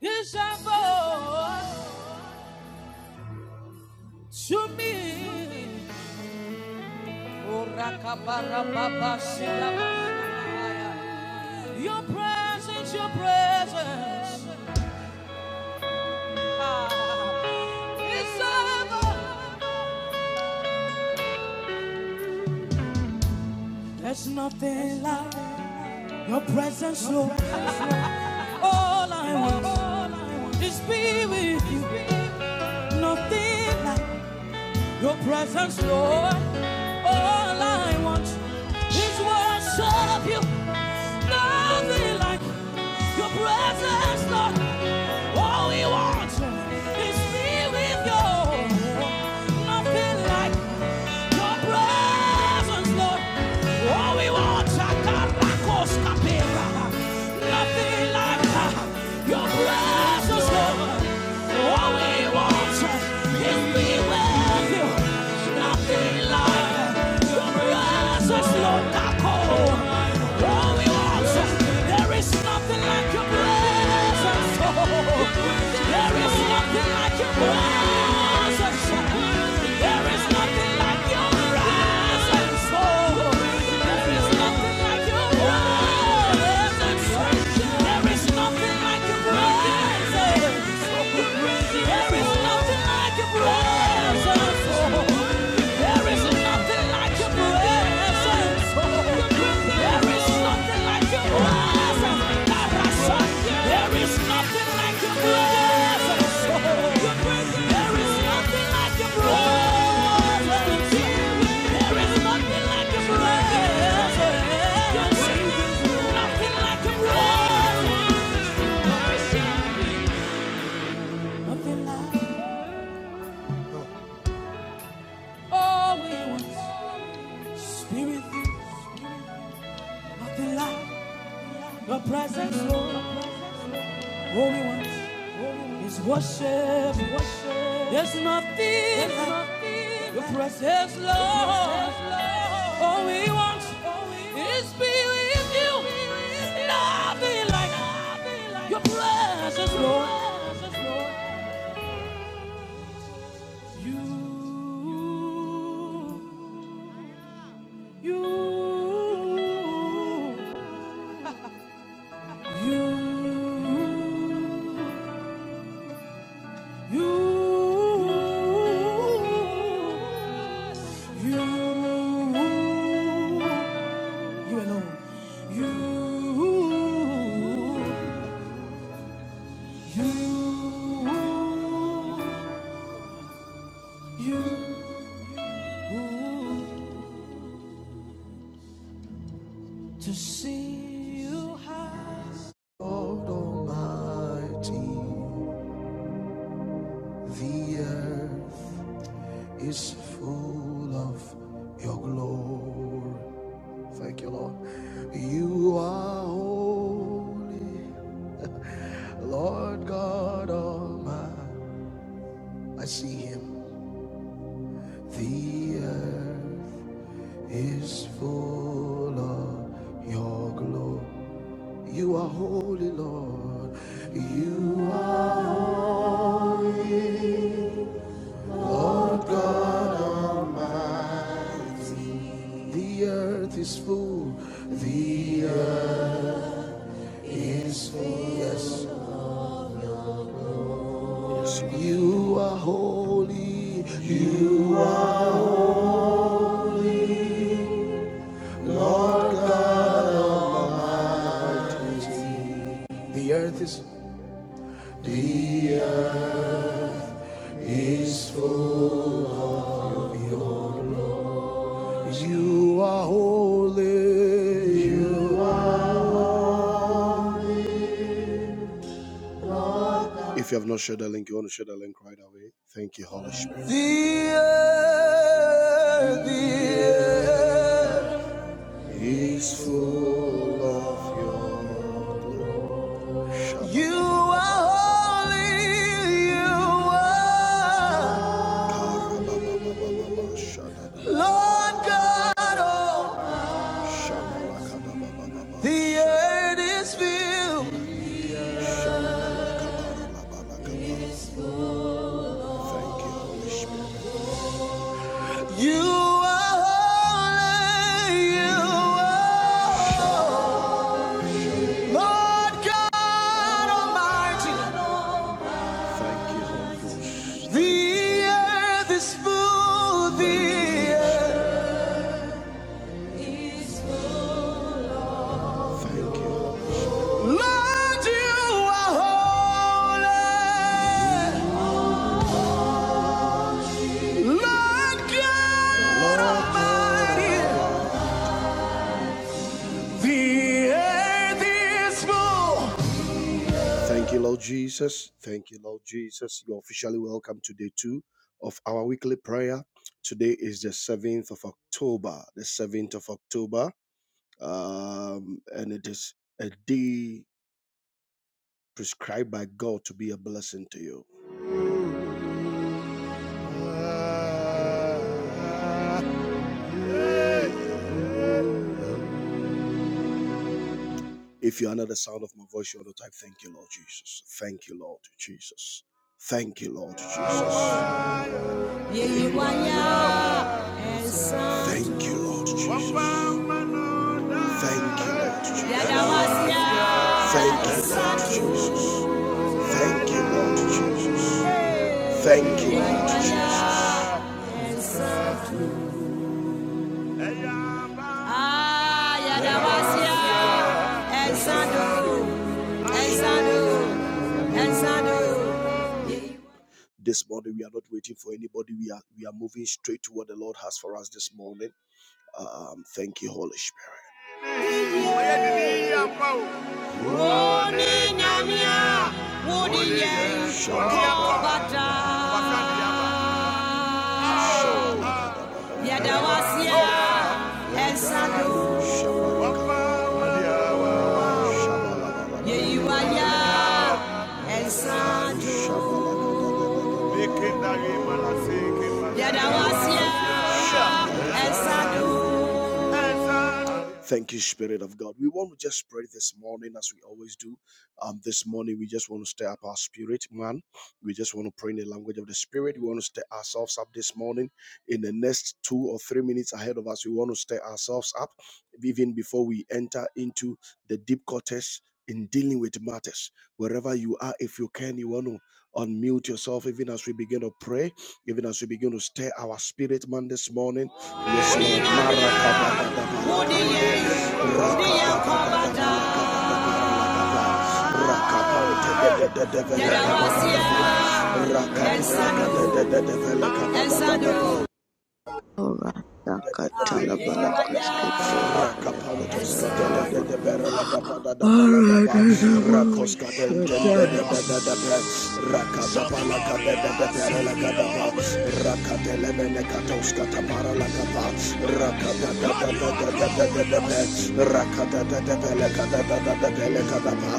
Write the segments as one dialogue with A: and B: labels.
A: Yes, I to me. Oh, rakabarababa, shilabashaya. Your presence, your presence. Ah, Yes, There's nothing like your presence, Lord. All I want is be with you. Nothing like Your presence, Lord. All I want is worship you. Nothing like your presence, Lord. All we want is be with you. Nothing like your presence, Lord. All we want is caracos, Nothing like uh, your presence, Lord. All we want is be with you. There is nothing like your presence. Oh, there is nothing like your presence. Oh, there is nothing like your presence. there is nothing like your presence. Oh, there is nothing like your presence. There is nothing like your presence. Nothing like your presence. like All we want, spirit of the light, your presence, Lord. All we want, is worship, worship. There's nothing, There's like nothing your like presence, Lord. All we want, is be with you. Nothing like, nothing like your presence, Your presence, Lord. You, you, you. The earth is full of your glory. Thank you, Lord. You are holy, Lord God Almighty. I see him. The earth is full of your glory. You are holy, Lord. You are holy. The earth is full. The earth is full. Yes. You are holy. You The earth is the earth is full. You are holy. You are. holy. If you have not shared the link, you want to share the link right away. Thank you, Holy Spirit. The earth, the earth is full of your glory. You are holy, you are Lord God Almighty. The earth is filled. You are holy, you are Lord God Almighty. Thank you, Holy Ghost. The earth is full, Thank you. Lord, you are holy. Lord God Almighty. The earth is full. Thank you, Lord Jesus. Thank you, Lord Jesus. You're officially welcome to day two of our weekly prayer. Today is the 7th of October. The 7th of October. um, and it is a day prescribed by God to be a blessing to you. If you're under the sound of my voice, you want to type, Thank you, Lord Jesus. Thank you, Lord Jesus. Thank you, Lord Jesus. Thank you, Lord Jesus. Thank you, Lord Jesus. Thank you, Lord Jesus. Thank you, Lord Jesus. Thank you, Lord Jesus. This morning we are not waiting for anybody. We are we are moving straight to what the Lord has for us this morning. Um, thank you, Holy Spirit. yeah, Yeah, you are Yah and Sadu. Yadawasia and Sadu. Thank you, Spirit of God. We want to just pray this morning as we always do. Um, this morning, we just want to stir up our spirit, man. We just want to pray in the language of the Spirit. We want to stir ourselves up this morning. In the next two or three minutes ahead of us, we want to stir ourselves up even before we enter into the deep quarters in dealing with matters. Wherever you are, if you can, you want to Unmute yourself even as we begin to pray, even as we begin to stir our spirit man this morning. Yes, Lord.
B: Shut
A: Rakapantos Katata de Beragapada da Balagapa, Rakos Katentende de Bedadape, Rakatapalaka de Bedadape, Rakatelemene Katos Kataparalakapa, Rakatata de Rakatata de Belekatata de Belekatapa,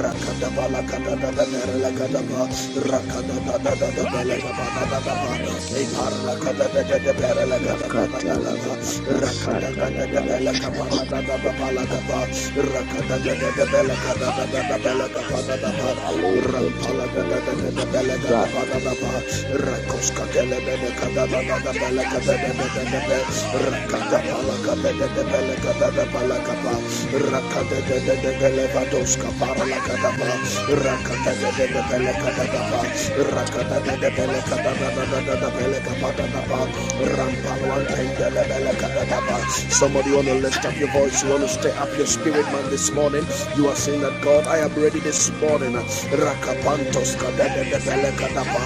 A: Rakatabalakata de Berelakatapa, Rakatata de Belekatapa, Rakata Somebody want to lift up your voice, you want to stay up your spirit, man, this morning. You are saying that God, I am ready this morning. Rakapantos kadadadadadadadapa.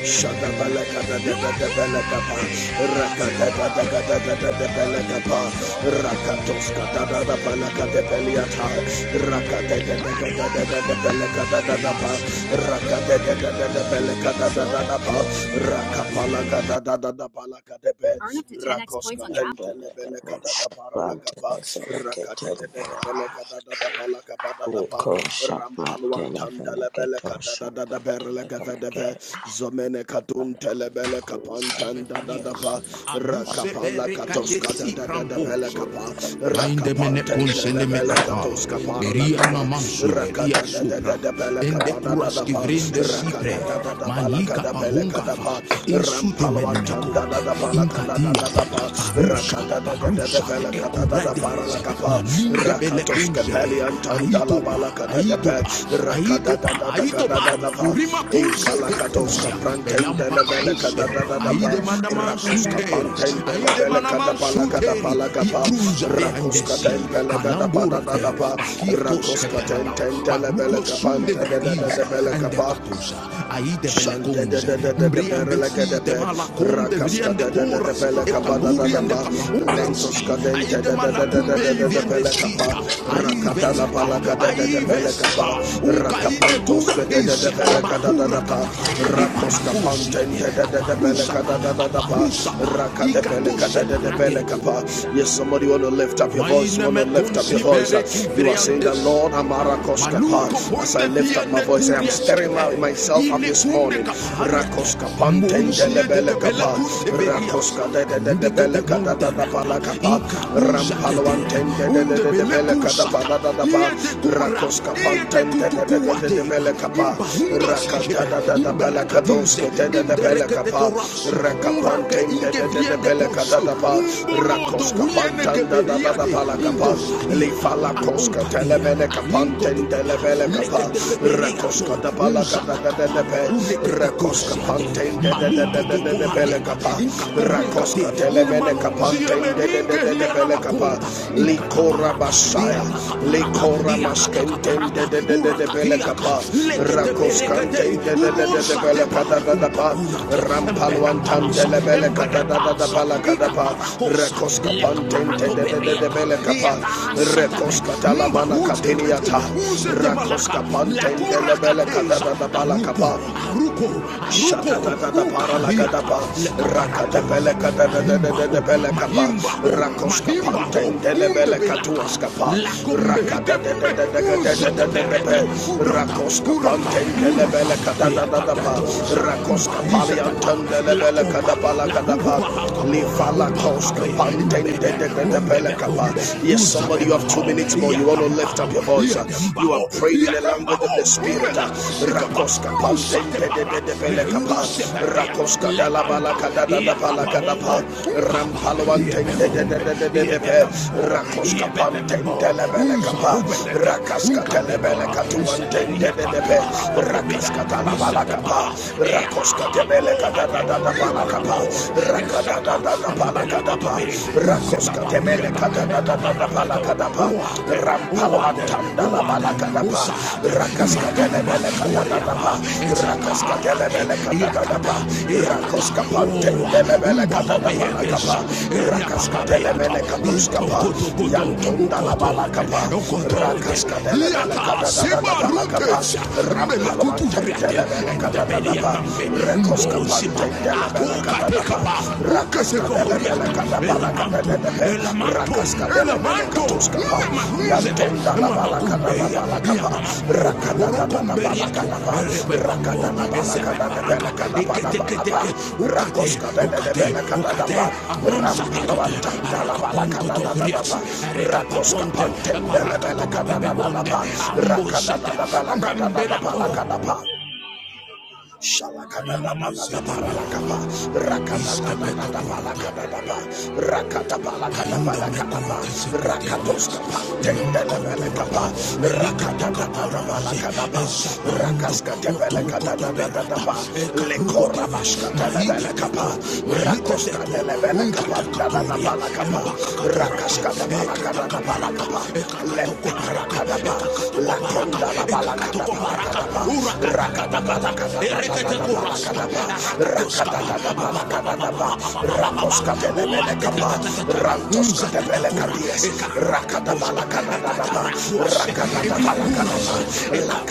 A: Rampalwantanda lebele kada da da da berle gavede Zomene katun telebele kapantan da da da pa rakapala katoska da da da bele kapa Lainde mene rakapanten konsele telebele katoska Beria pa na mansure kia rakata da da da supra. da bele Ende kapa da da kuras pa kivrinde rakata sipre. da da da bala Malika kada bala rakata da da da bele kada da da para la kapa rakatoska kunzele. peliantan la bala Aidoba, kada da rakata da da Aitoba, Urima Kunsa Kutusia, Elampa Kakusia, Aide
B: Ora do do
A: Manama
B: do
A: Sute,
B: barakas.
A: Aide Manama Sute, Ikruza Behandesi, Manambura Terra, Bakitos Kepela, Bakutos Sunde Braiza, Ande Batusa, Aide Belekunza, Briande Site Malakunde, Briande Pura, Ekabubiande Palakundesi, Aide Manakumbe Viande Sita, Aide Vesa, Aide Yes, somebody want to lift up your voice. Want to lift up your voice. You are saying that Lord Amara Koskapa. As I lift up my voice, I am stirring out myself up this morning. Rakoskapan Tendelebelekapa, Rakoska Pantendelebele Kapa. Rakoska Delebele Kapa de de kada para da ba rakos kapan ten de kapa rakata da da da mele kados ke kapa rakapan ten de de kada da ba rakos kapan ten da kapa li fala kos ke de de mele kapan ten de kapa rakos kada pala kapa Delebelekapa, Likora Basaya, Likora Maskenten, Delebelekapa, Rakoskanten, Delebelekadadadapa, Rampaluantan, Delebelekadadadapalakadapa, Rakoskapanten, Delebelekapa, Rekoskatalamana Katiniata, Rakoskapanten, Delebelekadadapalakapa, Shatatataparalakadapa, Rakatapelekapa, Peleka da da da da da da peleka pa. Rakoska pantende le peleka tuaska pa. Raka da da da da da da da da da da da pe. Rakoska peleka da da da da pa. Rakoska pali antende le peleka da pa la ka da pa. Livala koska pantende da da da peleka Yes, somebody, you have two minutes more. You want to lift up your voice. You are praying in the language of the spirit. Rakoska pantende de de de peleka Rakoska dala la Balaka dala la Balaka de Pa, Rampalwante de de de de de de de Pe, Rakoska Pante de la Beleka Pa, Rakaska dele bele katuan ten de la Beleka Tuante de de de Pe, Rakaska de la Balaka Pa, Rakoska de Beleka dala de de Balaka Pa, Rakada dala de de Balaka de Pa, Rakoska de Beleka de de de Balaka de Pa, Rampalwante de dala Balaka de Pa, Rakaska de la Beleka dala. Iskapa, Yantonda la Balaka, Rakaska, Liata Seba Rutes Rabela Kuturia Endo Sita Kasekoria Lamato Elamato Nama Ruzete Yantonda la Nama Balaka,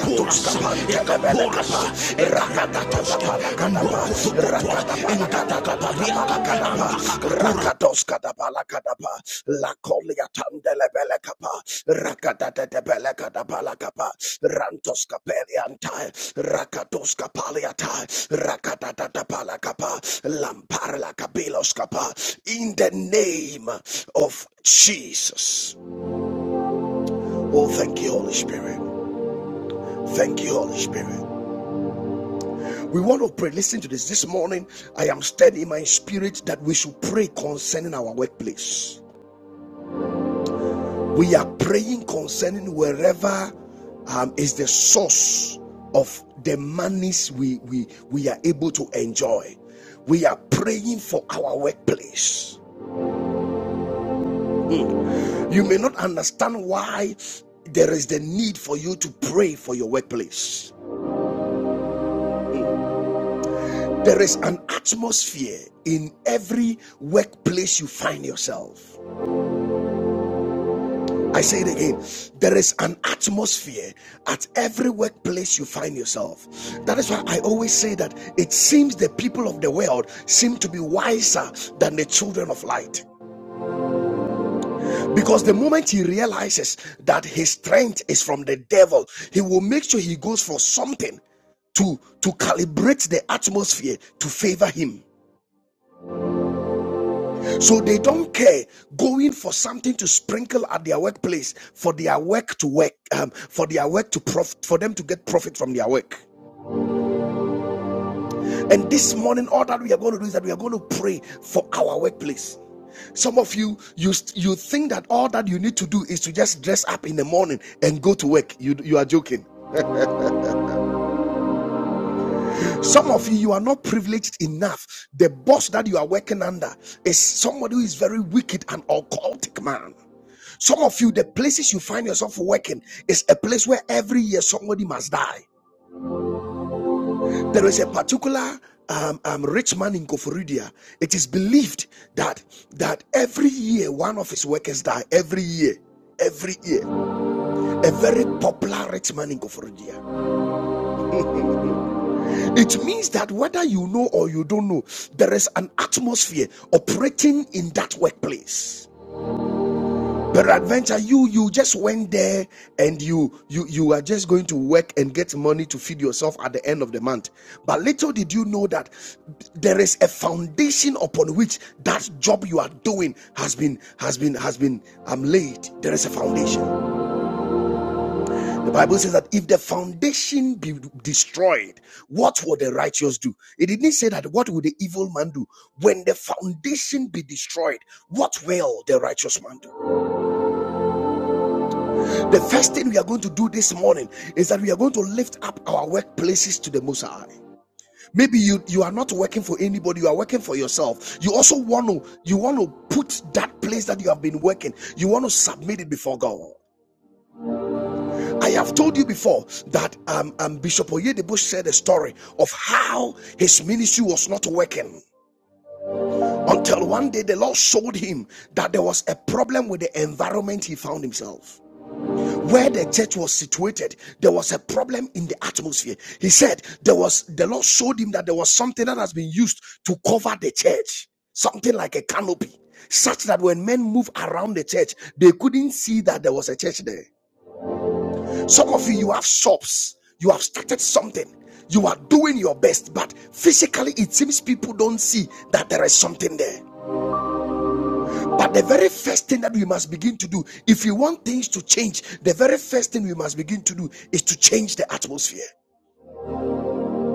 A: Posa Posa In the name of Jesus. Oh, thank you, Holy Spirit. Thank you, Holy Spirit. We want to pray. Listen to this. This morning, I am stirred in my spirit that we should pray concerning our workplace. We are praying concerning wherever um, is the source of the monies we, we, we are able to enjoy. We are praying for our workplace. Mm. You may not understand why there is the need for you to pray for your workplace. There is an atmosphere in every workplace you find yourself. I say it again. There is an atmosphere at every workplace you find yourself. That is why I always say that it seems the people of the world seem to be wiser than the children of light. Because the moment he realizes that his strength is from the devil, he will make sure he goes for something to, to calibrate the atmosphere to favor him. So they don't care going for something to sprinkle at their workplace for their work to work, um, for their work to profit, for them to get profit from their work. And this morning, all that we are going to do is that we are going to pray for our workplace. Some of you, you you think that all that you need to do is to just dress up in the morning and go to work. You you are joking. Some of you, you are not privileged enough. The boss that you are working under is somebody who is very wicked and occultic man. Some of you, the places you find yourself working is a place where every year somebody must die. There is a particular um, um, rich man in Koforidua. It is believed that that every year one of his workers die. Every year, every year, a very popular rich man in Koforidua. It means that whether you know or you don't know, there is an atmosphere operating in that workplace. Peradventure, you you just went there and you you you are just going to work and get money to feed yourself at the end of the month. But little did you know that there is a foundation upon which that job you are doing has been has been has been um, laid. There is a foundation. The Bible says that if the foundation be destroyed, what will the righteous do? It didn't say that what will the evil man do? When the foundation be destroyed, what will the righteous man do? The first thing we are going to do this morning is that we are going to lift up our workplaces to the Most High. Maybe you, you are not working for anybody, you are working for yourself. You also want to you want to put that place that you have been working, you want to submit it before God. I have told you before that um, um, Bishop Oyedebo shared a story of how his ministry was not working until one day the Lord showed him that there was a problem with the environment he found himself. where the church was situated, there was a problem in the atmosphere. He said there was the Lord showed him that there was something that has been used to cover the church, something like a canopy, such that when men move around the church, they couldn't see that there was a church there. Some of you, you have shops, you have started something, you are doing your best, but physically it seems people don't see that there is something there. But the very first thing that we must begin to do, if you want things to change, the very first thing we must begin to do is to change the atmosphere.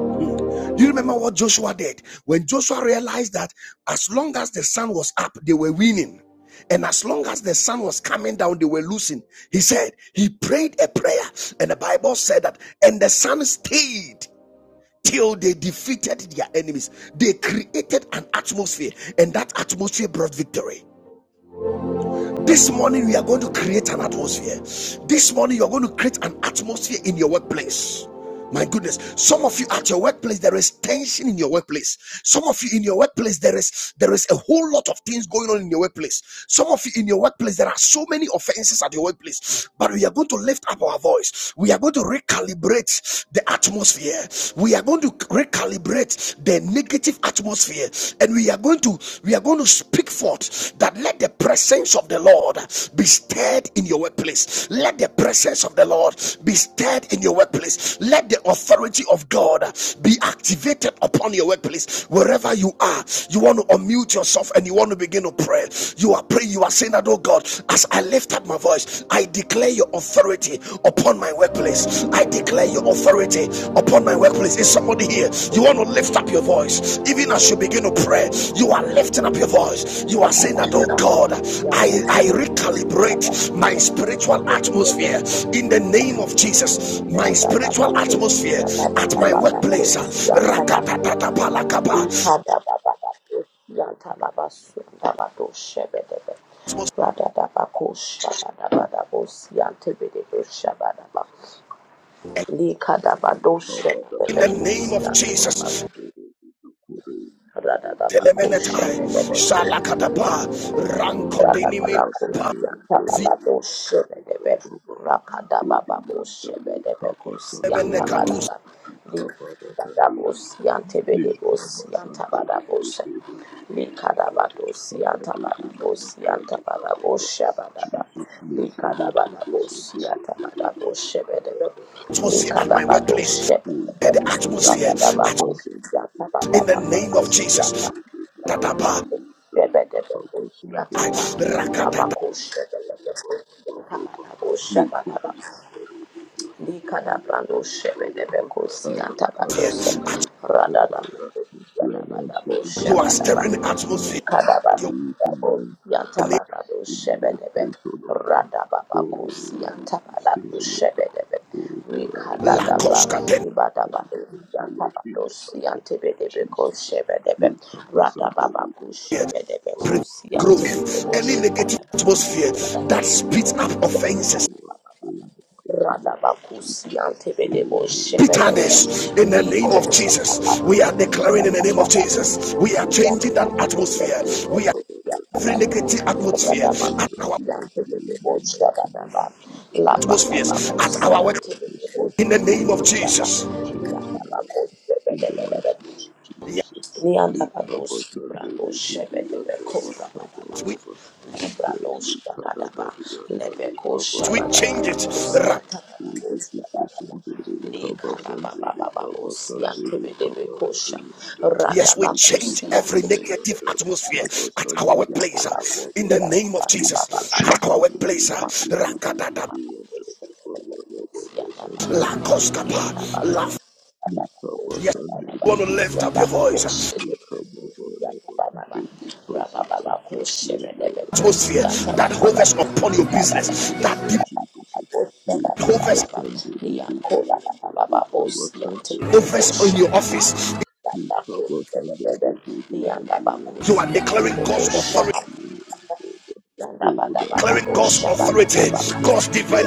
A: Do you remember what Joshua did? When Joshua realized that as long as the sun was up, they were winning. And as long as the sun was coming down, they were losing. He said, he prayed a prayer. And the Bible said that, and the sun stayed till they defeated their enemies. They created an atmosphere, and that atmosphere brought victory. This morning, we are going to create an atmosphere. This morning, you're going to create an atmosphere in your workplace. My goodness, some of you at your workplace, there is tension in your workplace. Some of you in your workplace, there is there is a whole lot of things going on in your workplace. Some of you in your workplace, there are so many offenses at your workplace. But we are going to lift up our voice. We are going to recalibrate the atmosphere. We are going to recalibrate recalibrate the negative atmosphere and we are going to we are going to speak forth that let the presence of the lord be stirred in your workplace let the presence of the lord be stirred in your workplace let the authority of god be activated upon your workplace wherever you are you want to unmute yourself and you want to begin to pray you are praying you are saying that oh god as i lift up my voice I declare your authority upon my workplace. I declare your authority upon my workplace. Is somebody here? You want to lift up your voice. Even as you begin to pray, you are lifting up your voice. You are saying that, oh
C: Yanta
A: God, I, I recalibrate my spiritual atmosphere in the name of Jesus. My spiritual atmosphere at my workplace.
D: Father,
A: in the name of Jesus. telemenetai
D: in the mighty name of
A: shalakatapa
D: Jesus, Christ, today we
C: Ra ba ba
D: have
A: rankodinimi
C: ba
D: a
C: ku,
D: Sunday,
C: ya
D: we
C: ta
D: will
C: ba
D: be
C: ba ba
D: in
C: ba,
D: the name
C: ya
D: of
C: ta.
D: Baba.
C: Ra ka da ba ba
D: Rodi
C: ku,
D: yanda le kaba
C: ya
D: sante
C: ta
D: de
C: ba
A: zilemenekatus
D: bada da
C: ba,
D: di
C: li
D: kaba
C: ka
D: da da
C: da ba
D: de
C: ku,
D: di
C: ya
D: da.
C: ta ba ba, li ka da ba
D: Le
C: ku,
D: kaba
C: ya ta ba ba, li
D: sante de
C: ka
D: de
C: da ba ku,
D: de
C: ya
D: de
C: ta ba
D: de
C: ba,
D: de
C: li ka da
D: yanda
C: ba
D: le
C: ku, ya
D: kaba de boli
C: ta
D: yanda le
C: ba
D: baba ba.
C: ba,
D: Jesus le
C: li ka
D: bolo
C: da ba ku,
D: kobo sante de
C: ya ta
D: de de de de kada baba
A: tosi
D: da
A: at my
D: da
A: workplace
D: Atmosphere
A: Eh, the
C: ba
A: atmosphere
C: ba, ku, ya ta ba ba
A: in the
C: ba
A: name
C: ba,
A: of
C: ya
A: Jesus
C: ta.
A: tatapa I- rakatatasia.
C: Rabakosha, Likada brando shebedebeko siyanta badose.
A: At-
C: Radada
D: around
C: yadabadabo
D: me in the
A: you are
D: mighty
C: shabadaba.
A: stirring
D: name
A: the
D: of
A: atmosphere
D: Jesus.
C: Likadaba
A: you are
D: In
C: dabo
D: my
C: siyanta
A: the
C: badado
D: in my
C: shebedebe.
D: workplace, oh Lord. Oh,
C: Radababako siyanta
D: stay,
C: badado
D: O Lord.
C: shebedebe.
D: Oh, for I
A: name
C: Likadadaba
D: conduct my
A: lakoskaten
D: and
C: ibadabado
D: dealings, O
C: siyanta
D: Lord,
C: badado
D: in the mighty
C: siyante
D: name of
C: bedebeko
D: Jesus.
C: shebedebe.
D: Lift up us and
C: Radababako
D: deliver
C: shebedebeko siyante
D: healing
A: growth
C: bedebo
A: any
D: cover in
A: negative
D: the
C: shabadaba.
D: negative
A: atmosphere that
D: atmosphere,
C: Radababako
D: Lord.
A: speeds up offenses
D: Oh, in the mighty name of
C: Radabakusi
D: Jesus. Oh,
C: antebedebo
D: be
C: shebedebe.
D: still
A: bitterness
D: and
A: in the
D: be
A: name
C: Liko
A: of
D: cast
A: Jesus.
D: out
A: We are
D: in the name
A: declaring in
D: of
A: the name of
D: Jesus.
A: Jesus. We are
D: Make
A: changing
D: up
A: that
D: us and
A: atmosphere.
D: deliver,
A: We are
D: Father,
A: every negative
D: I
A: atmosphere at
D: change the
A: our
D: atmosphere in the mighty name of Jesus. Any
A: atmospheres, at
C: Labadabakusi
A: our
D: negative
A: work
C: antebedebo
D: atmosphere,
A: in the name of
D: oh,
A: Jesus.
D: change in now in the mighty
C: shebedebe.
D: name of
A: Yes,
D: Jesus.
C: Nianda
D: Lekaba
C: Bados, Brando
D: Sandere Dede
C: Shebebe
D: Anda
C: Kora Baba
D: Lekaba
A: we,
C: Baba,
D: Baba declared
C: Librado
D: Lekada
C: Shabadaba,
D: Dade Anda
C: Lebeko
D: Lebaba
A: yes, we change
D: Dade
A: it.
C: Shabadabos,
D: Halala Rede
C: Yatabos,
D: People Sandere Kaba
C: Likana
D: Sandere
C: Baba
D: Baba
C: Babos,
D: Sandere
C: Yantebe de
D: Baba
C: Kosha,
D: Dade Anda
A: Yes, we
D: Rede
C: Radabakus,
A: change
D: Dede
A: every
C: Yantebe,
D: Dede
A: negative
D: Anda
A: atmosphere
D: Lekaba
A: at our
D: Sandere
A: workplace
D: Baba La
C: Yatabakus,
A: uh, in the
D: Baba
A: name of Jesus.
D: Lekaba
C: Yatabababa,
A: At our
D: Sandere
A: workplace, uh,
C: Yanda
D: Dede Dede
A: Rakadada,
D: Dede Anda Lebaba La Baba Sandere Dede Anda
A: Lakoskapa, Laf. Yes, you want to
D: Likabasandebaba,
A: lift up your voice. uh,
D: likababalaba. In the toxic atmosphere, Lord, be
A: atmosphere that
D: changed now
A: hovers upon your
D: in the
A: business,
D: mighty name
A: that demon
D: of Jesus.
A: hovers,
D: Likabasandebebe, and
A: hovers in your
D: likabasandebebabalababa.
A: office.
D: Likabasandebebebe, and
C: bakus
A: You are declaring
D: In
C: yantele
D: the
A: God's authority.
C: boşa
D: atmosphere, Lord,
C: Ikala
D: oh, that
A: Declaring God's
D: prevents those, oh
A: authority,
D: Lord, that
A: God's
D: to go.
A: divine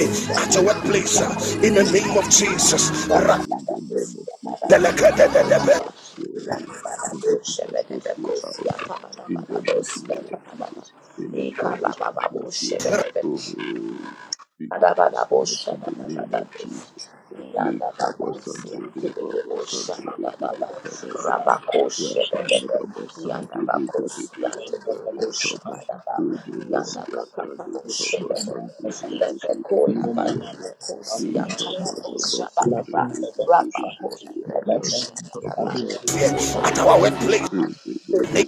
D: I
A: at your
D: declare God's
A: workplace uh, in the
D: authority,
A: name of
D: O Lord,
A: Jesus.
D: in the name of Jesus. I cast your negative atmosphere out uh, in the mighty name of Jesus. Any toxic
C: baba bu
D: atmosphere,
C: şebede
D: oh, be cast out in the name of Jesus. Lekaba Sunday, Baba Sunday, Baby,
E: The
D: Kada Baba,
E: Bellflower Shrine
D: Rakabada Sunday, Baby,
E: named for
D: Ada,
E: the bush
D: Lekaba,
E: having
D: Holy
E: around the
D: Holy, Ada,
E: Belarusian
D: Lekaba
E: main Belarusian government the
D: Sunday,
E: Belarusian embassy in
D: Baby,
E: Manama, administered by
D: Rikabadaba Sunday
E: Laban
D: Dali
E: Belarusia.
C: Rabba
E: Laban
C: Baba,
D: Kabadaba
E: Belarusia
C: Linka
A: At our
D: Babalaba
C: Dondi
A: workplace,
C: Maha,
D: Ridibudu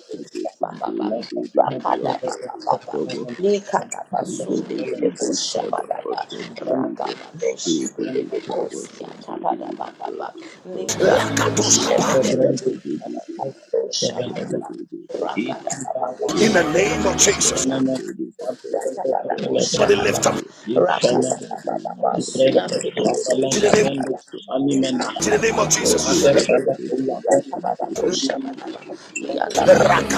C: Baba,
D: Kudusunduri
E: Laban
D: Bidi
C: Rakada
D: Yanda
C: Baba Baba,
D: Rikaba
C: Lika
E: Belarusia
C: Daba
E: embassy
C: Sundi
E: the
C: Bebo
D: Ribidi Kadaba
C: Shabadaba,
E: Hospital
D: Sunday Riba
C: Rakabado
D: Ribidi
C: Shibebe
E: Belarusia
D: Kaba
C: Kosia
D: Sunduri
C: Tabada
D: Yanda
C: Baba,
D: Rikaba
C: Librando
D: Balada
C: Shebebe
E: Iladebrando,
D: Ribidi
E: Atebelegede,
C: Shabadaba,
D: Sunduri Bidi
C: Rakada Baba
E: Itibalata,
A: in the name of
D: Rakabadaba
A: Jesus.
E: Atibeneme,
C: Shebebe,
D: Sunday Riba Baba Baba
E: Atibeneme,
A: Somebody lift
D: Baba
C: Rakadabadoshabadaba,
A: up
D: yeah,
E: Infeneme,
D: that we need to make
E: Atibrende,
D: a bus and
A: in
D: the
A: the name,
D: day
E: Kabaladebrando,
D: bus and the day.
E: Sanimena,
A: in the name of Jesus.
D: Ready to
E: Radefele,
D: go for bus
E: Ulabene,
D: and the day we
E: Sanimene,
D: need it to be and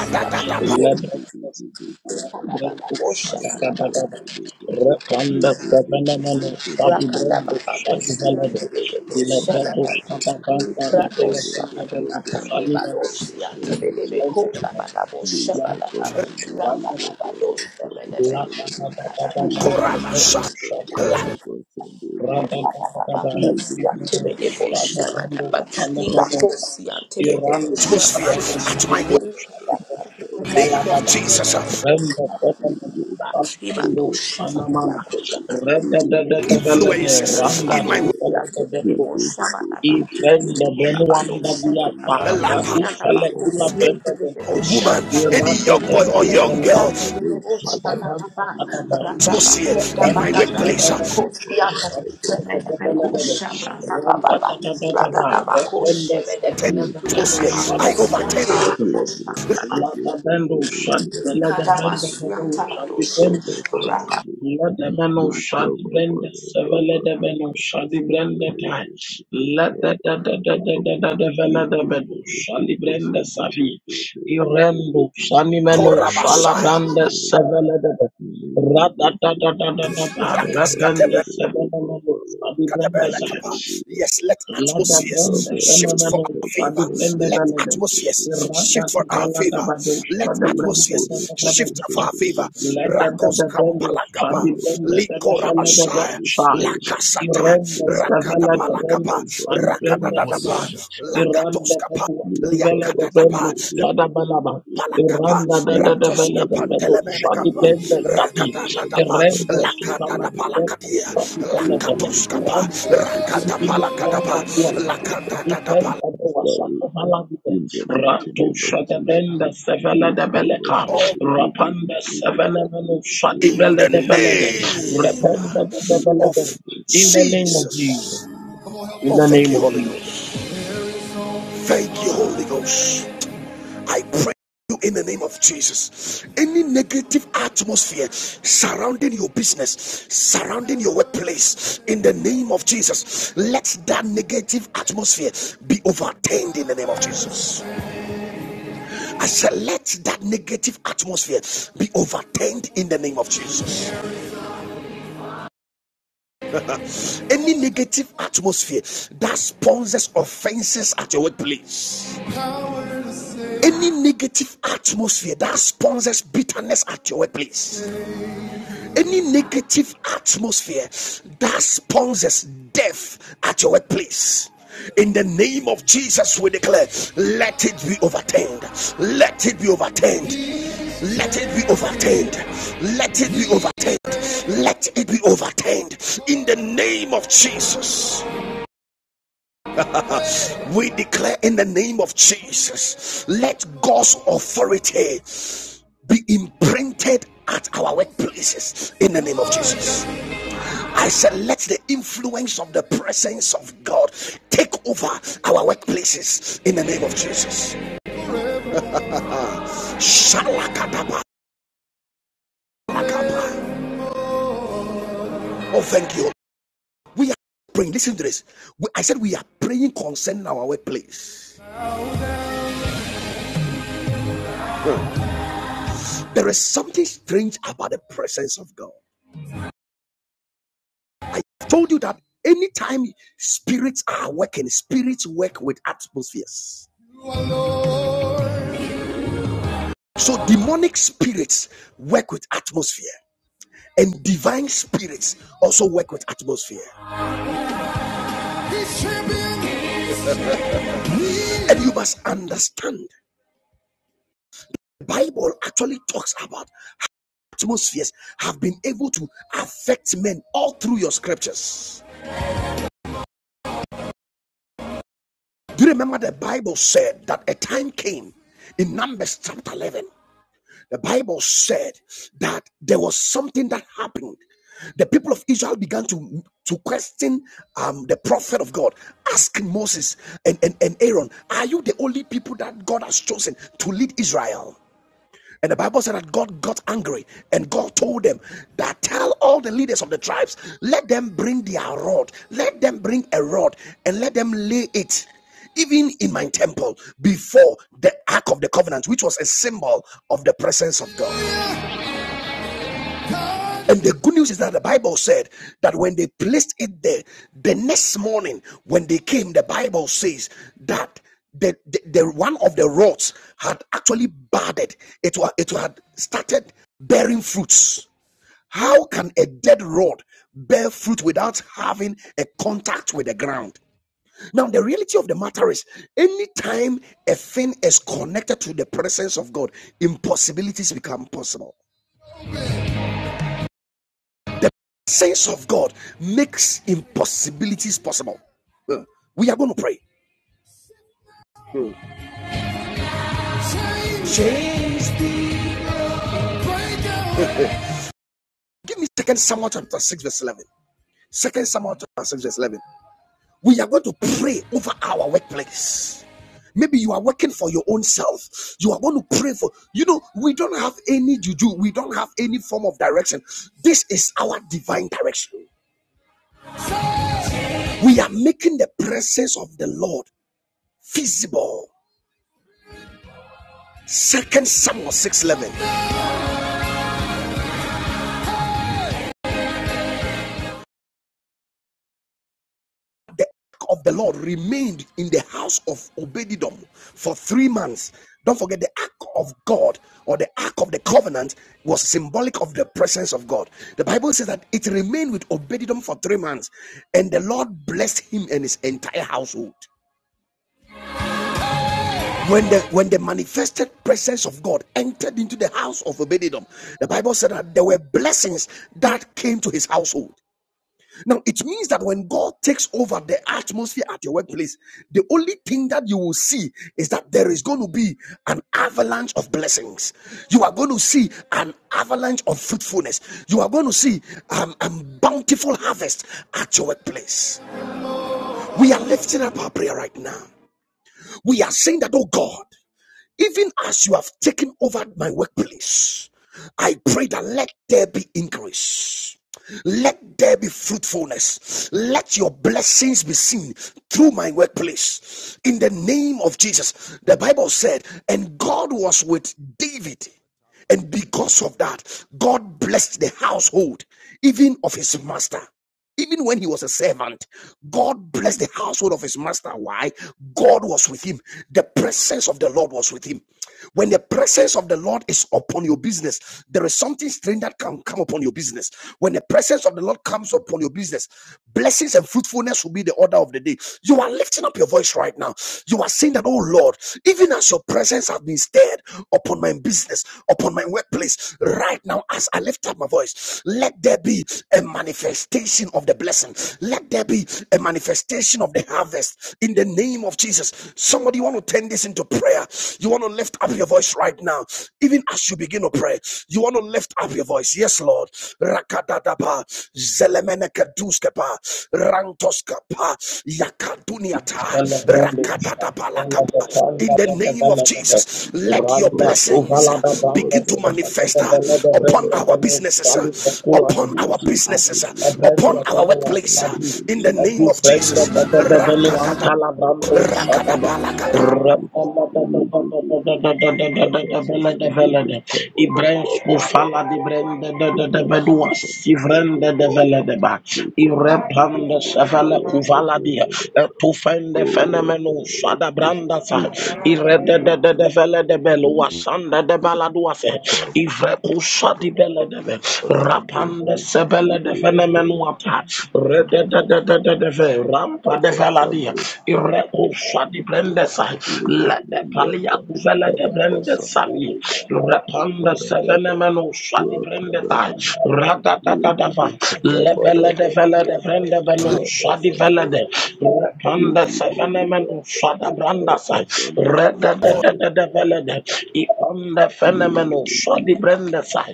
D: ready to do do do do and the day covers and the day bus.
E: Rakanda
D: Play for the for
E: Sabanamano
D: bus and
E: Sabi
D: the day we
E: Brando
D: need it to
E: Sabi
D: be
E: Valada
D: and the day cover
E: Dilabrado
D: cover cover.
E: Satabanda
D: Play cover
E: Bepelepende
D: for bus
E: Benu
D: and the day
E: Saliman
D: for bus and the day. Lika basande ruba baba kaba bala lili dili anda lika basande
E: Randa
D: ruba lili dili dili dili anda lika basande
E: if
D: ruba lili
A: Atmosphere
D: dili
A: at my work,
D: dili
A: in
D: kaba
A: the name of
D: basande
A: Jesus.
D: ruba
A: uh,
D: lili kaba
C: Ibadosh,
D: basande ruba lili dili anda
C: Yanda
D: lika
A: Influences in my
D: bala
A: work.
D: lili dili kaba basande ruba
E: friend the Ben one that
D: lili
E: we are
D: dili
E: far,
D: anda
E: that is
D: lika
E: a lacuna
D: basande
E: friend of
D: Baba
E: the
A: or woman, any young boy or
D: Thank
A: young girl, atmosphere in my workplace, atmosphere, I
E: Shadaba
A: overtake.
E: let the bendo shut the let the bendo bendo shut the bendo five.
D: you.
E: Let the bendo shut the bendo seven. Let the bendo shut the bendo nine. Let the the the the the the the the the the bendo shut the bendo seven. Irendo shani meno shala
A: Korabashaya,
E: brande seven. Let the Ra da da da da da da da.
A: Rakaskate,
E: Repende seven. Let the shut the bendo seven.
A: Yes, let
E: Lada brenda
A: atmospheres
E: shana
A: shift for
E: mano
A: our
E: shadi
A: favor.
E: brenda
A: Let
E: balada.
A: atmospheres
E: Irada
A: shift for our
E: balada
A: favor.
E: bado
A: Let
E: shada brenda da
A: atmospheres
E: da
A: shift
E: balada.
A: for our favor.
E: Let
D: Sunday,
E: the
A: Rakos
E: Bedabello,
A: kampalakapa,
E: Shabby
D: However,
E: Benda, the
D: failures of
E: Felada
A: likorabashaya,
D: this
E: Shire.
D: theorem
A: lakasata,
E: Iran, the
D: frequently
E: Stavelada
D: refer
E: Bello,
D: to
A: rakatapalakapa,
D: the
E: Shabby Benda,
D: inter-mighty
A: rakadadadapa,
D: limit
A: Mosha.
D: issues.
E: Iran, the
A: lakatoskapa.
E: Bedu,
D: Lee
E: Velada Bello,
D: Kabasanje
A: Liakatadapa,
E: Sadabalaba. Iran,
A: Palakapa,
E: the
D: Lee
E: Dada
A: Rantos
E: Velada
D: Dekoro
E: Bello, Shabby
A: Capantelemenecapa,
D: Besandere
E: Benda, Sabi.
D: Randale
A: Rakatatapa,
E: Iran,
A: Lakata
D: Kabasandere
A: Palakatia,
D: Rababa in the
A: Lakatoscapa,
D: negative positive
A: Rakata
E: the
D: atmosphere.
A: Palakatapa,
D: We shake
E: Randa
D: them up. We
A: Lakata
E: Ipembe de
D: cast away
E: wasaka malabide.
D: in the mighty
E: Ratu
D: name of Jesus.
E: shadabenda sevele de
D: Recover
E: beleka.
D: something with this
E: Rapanda
D: people
E: sevele
D: and
E: menu
D: Jesus who are
A: In
E: shadibele
A: the
D: dead
E: de
D: and
E: velede.
D: cover for
A: name
D: Papa.
E: Rependa de
D: Jesus
E: belede.
A: of
D: cover the
E: In the name of
D: undying
E: Jesus.
A: Jesus.
D: Papa
E: In
A: Oh,
E: the
D: in the
A: thank
E: name
A: you,
E: of
A: Holy
D: name
E: Jesus.
D: of
A: Ghost.
D: Jesus.
A: Thank you, Holy Ghost. I pray you in the name of Jesus. Any negative atmosphere surrounding your business, surrounding your workplace, in the name of Jesus, let that negative atmosphere be overturned in the name of Jesus. I said, let that negative atmosphere be overturned in the name of Jesus. Any negative atmosphere that sponsors offenses at your workplace, any negative atmosphere that sponsors bitterness at your workplace. any negative atmosphere that sponsors death at your workplace. In the name of Jesus, we declare, let it be overturned. Let it be overturned. Let it be overturned. Let it be overturned. Let it be overturned. In the name of Jesus, we declare, in the name of Jesus, let God's authority be imprinted at our workplaces. In the name of Jesus. I said, let the influence of the presence of God take over our workplaces in the name of Jesus. Oh, thank you. We are praying. Listen to this. I said, we are praying concerning our workplace. There is something strange about the presence of God. I told you that anytime spirits are working, spirits work with atmospheres. So demonic spirits work with atmosphere, and divine spirits also work with atmosphere. And you must understand the Bible actually talks about atmospheres have been able to affect men all through your scriptures. Do you remember the Bible said that a time came in Numbers chapter 11? The Bible said that there was something that happened. The people of Israel began to, to question um, the prophet of God, asking Moses and, and, and Aaron, Are you the only people that God has chosen to lead Israel? And the Bible said that God got angry and God told them that tell all the leaders of the tribes, let them bring their rod, let them bring a rod and let them lay it even in my temple before the ark of the covenant, which was a symbol of the presence of God. And the good news is that the Bible said that when they placed it there, the next morning when they came, the Bible says that the, the, the one of the rods had actually budded. It, it had started bearing fruits. How can a dead rod bear fruit without having a contact with the ground? Now, the reality of the matter is, anytime a thing is connected to the presence of God, impossibilities become possible. Sense of God makes impossibilities possible. Uh, We are going to pray. Give me Second Samuel chapter 6, verse 11. Second Samuel chapter 6, verse 11. We are going to pray over our workplace. Maybe you are working for your own self. You are going to pray for, you know, we don't have any juju. We don't have any form of direction. This is our divine direction. We are making the presence of the Lord visible. Second Samuel 6:11. the ark of the Lord remained in the house of Obedidom for three months. Don't forget the ark of God or the ark of the covenant was symbolic of the presence of God. The Bible says that it remained with Obedidom for three months, and the Lord blessed him and his entire household. When the when the manifested presence of God entered into the house of Obedidom, the Bible said that there were blessings that came to his household. Now, it means that when God takes over the atmosphere at your workplace, the only thing that you will see is that there is going to be an avalanche of blessings. You are going to see an avalanche of fruitfulness. You are going to see um, a bountiful harvest at your workplace. We are lifting up our prayer right now. We are saying that, oh God. Even as you have taken over my workplace, I pray that let there be increase. Let there be fruitfulness. Let your blessings be seen through my workplace. In the name of Jesus. The Bible said, and God was with David. And because of that, God blessed the household, even of his master. Even when he was a servant, God blessed the household of his master. Why? God was with him. The presence of the Lord was with him. When the presence of the Lord is upon your business, there is something strange that can come upon your business. When the presence of the Lord comes upon your business, blessings and fruitfulness will be the order of the day. You are lifting up your voice right now. You are saying that, oh Lord, even as your presence has been stirred upon my business, upon my workplace, right now, as I lift up my voice, let there be a manifestation of the blessing. Let there be a manifestation of the harvest in the name of Jesus. Somebody you want to turn this into prayer. You want to lift up your voice right now, even as you begin to pray. You want to lift up your voice. Yes, Lord rakadadaba zelemenekeduskepa rantoskapa yakaduniata
E: Bella Brendo, Bella the
A: rakadadabalakapa
E: Fanda,
A: in the
E: the
A: name of
E: Bella the
A: Jesus,
D: Jesus.
A: let your
E: Randa,
D: Father, we
A: blessings
E: Sovala, the
A: uh,
D: come out
E: Banda,
A: begin to manifest
E: the
A: uh,
D: and
E: Bella the
A: upon
E: Brenda,
D: we
A: our
E: Beno,
A: businesses,
E: Sali, the
A: uh, upon
E: Kuladia,
A: our businesses,
E: Agusta
A: uh,
E: Brenda,
A: upon our
E: Beno,
A: workplace. uh,
E: Sabi,
A: In the name
E: Edu
A: of
E: Frenda,
A: Jesus,
E: the Bella Beno,
A: Rakadada,
E: Antala Brando,
A: rakadaba,
E: Shadaba,
A: lakadaba.
E: Rabella, the Bella the Bella the Bella the Ibrahim, Spufala, Rende de de de bedua,
D: Blessings of the Lord
E: sivrende
D: and
E: de
D: Lord,
E: vele de
D: pray for the
E: irepande
D: manifestation of
E: sevele
D: your
E: kuvala
D: blessing, O Lord.
E: etufende
D: Oh, at the
E: fenemenu
D: right
E: sada
D: places in the mighty
E: irede
D: name
E: de
D: of
E: de de
D: Jesus.
E: vele de de baladua se, di bele rapande sebele de fenemenu rede de de de de de rampa de vela dia,
D: Sunday,
E: shadi brenda sai la de palia kuvela de brenda sabi rapanda sevene menu shadi brenda tai rada da da da va lebele de vele de brenda benu shadi vele de rapanda sevene menu shada branda sai
D: Sunday,
E: rada da da da da vele de i onda menu shadi brenda sai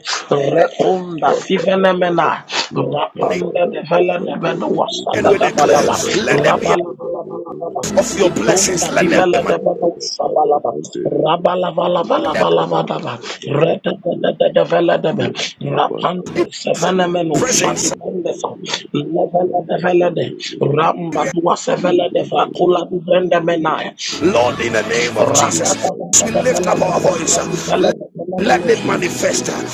D: Kabadababa,
E: Sivenemena, Rapanda de
D: Yakabadaba,
E: Vela de Venuasa
A: and
E: da
A: we
E: da
D: Sandididididi,
A: declare,
E: Balaba,
D: Kadaba,
A: let there be
E: Rabalabalabalaba,
A: of your
D: Sandidididididididididi,
A: blessings,
E: Itunda di
A: let there be
E: Vela de
D: Udadadada,
E: Venuasa
D: Kaba,
E: Balaba,
D: Sandididididididi,
E: Rabalabalabalaba,
D: Kadadaba,
E: Reda de
D: Sandidididi,
E: de de Vela de Be,
D: Yakabadaba,
E: Rapanda,
A: of
E: Sevenemeno,
A: your
D: Yadidi,
E: Shadi
A: presence.
E: Pendefa,
D: Hadadididididi,
E: Levela de
D: Kaba,
E: Vela de,
D: Sandididididi,
E: Ramba Dua Sevela de
D: Didididididi,
E: Vacula di Vendemena,
A: Lord,
D: Sandididididi,
A: in the name of
E: Rada da
A: Jesus,
D: Sunday,
E: da da
A: as
E: da
A: we lift
E: Vela
A: up
E: de
A: our
E: Venda
A: voice, uh,
E: di Vela de
A: let
E: Venemenos,
A: it manifest. uh,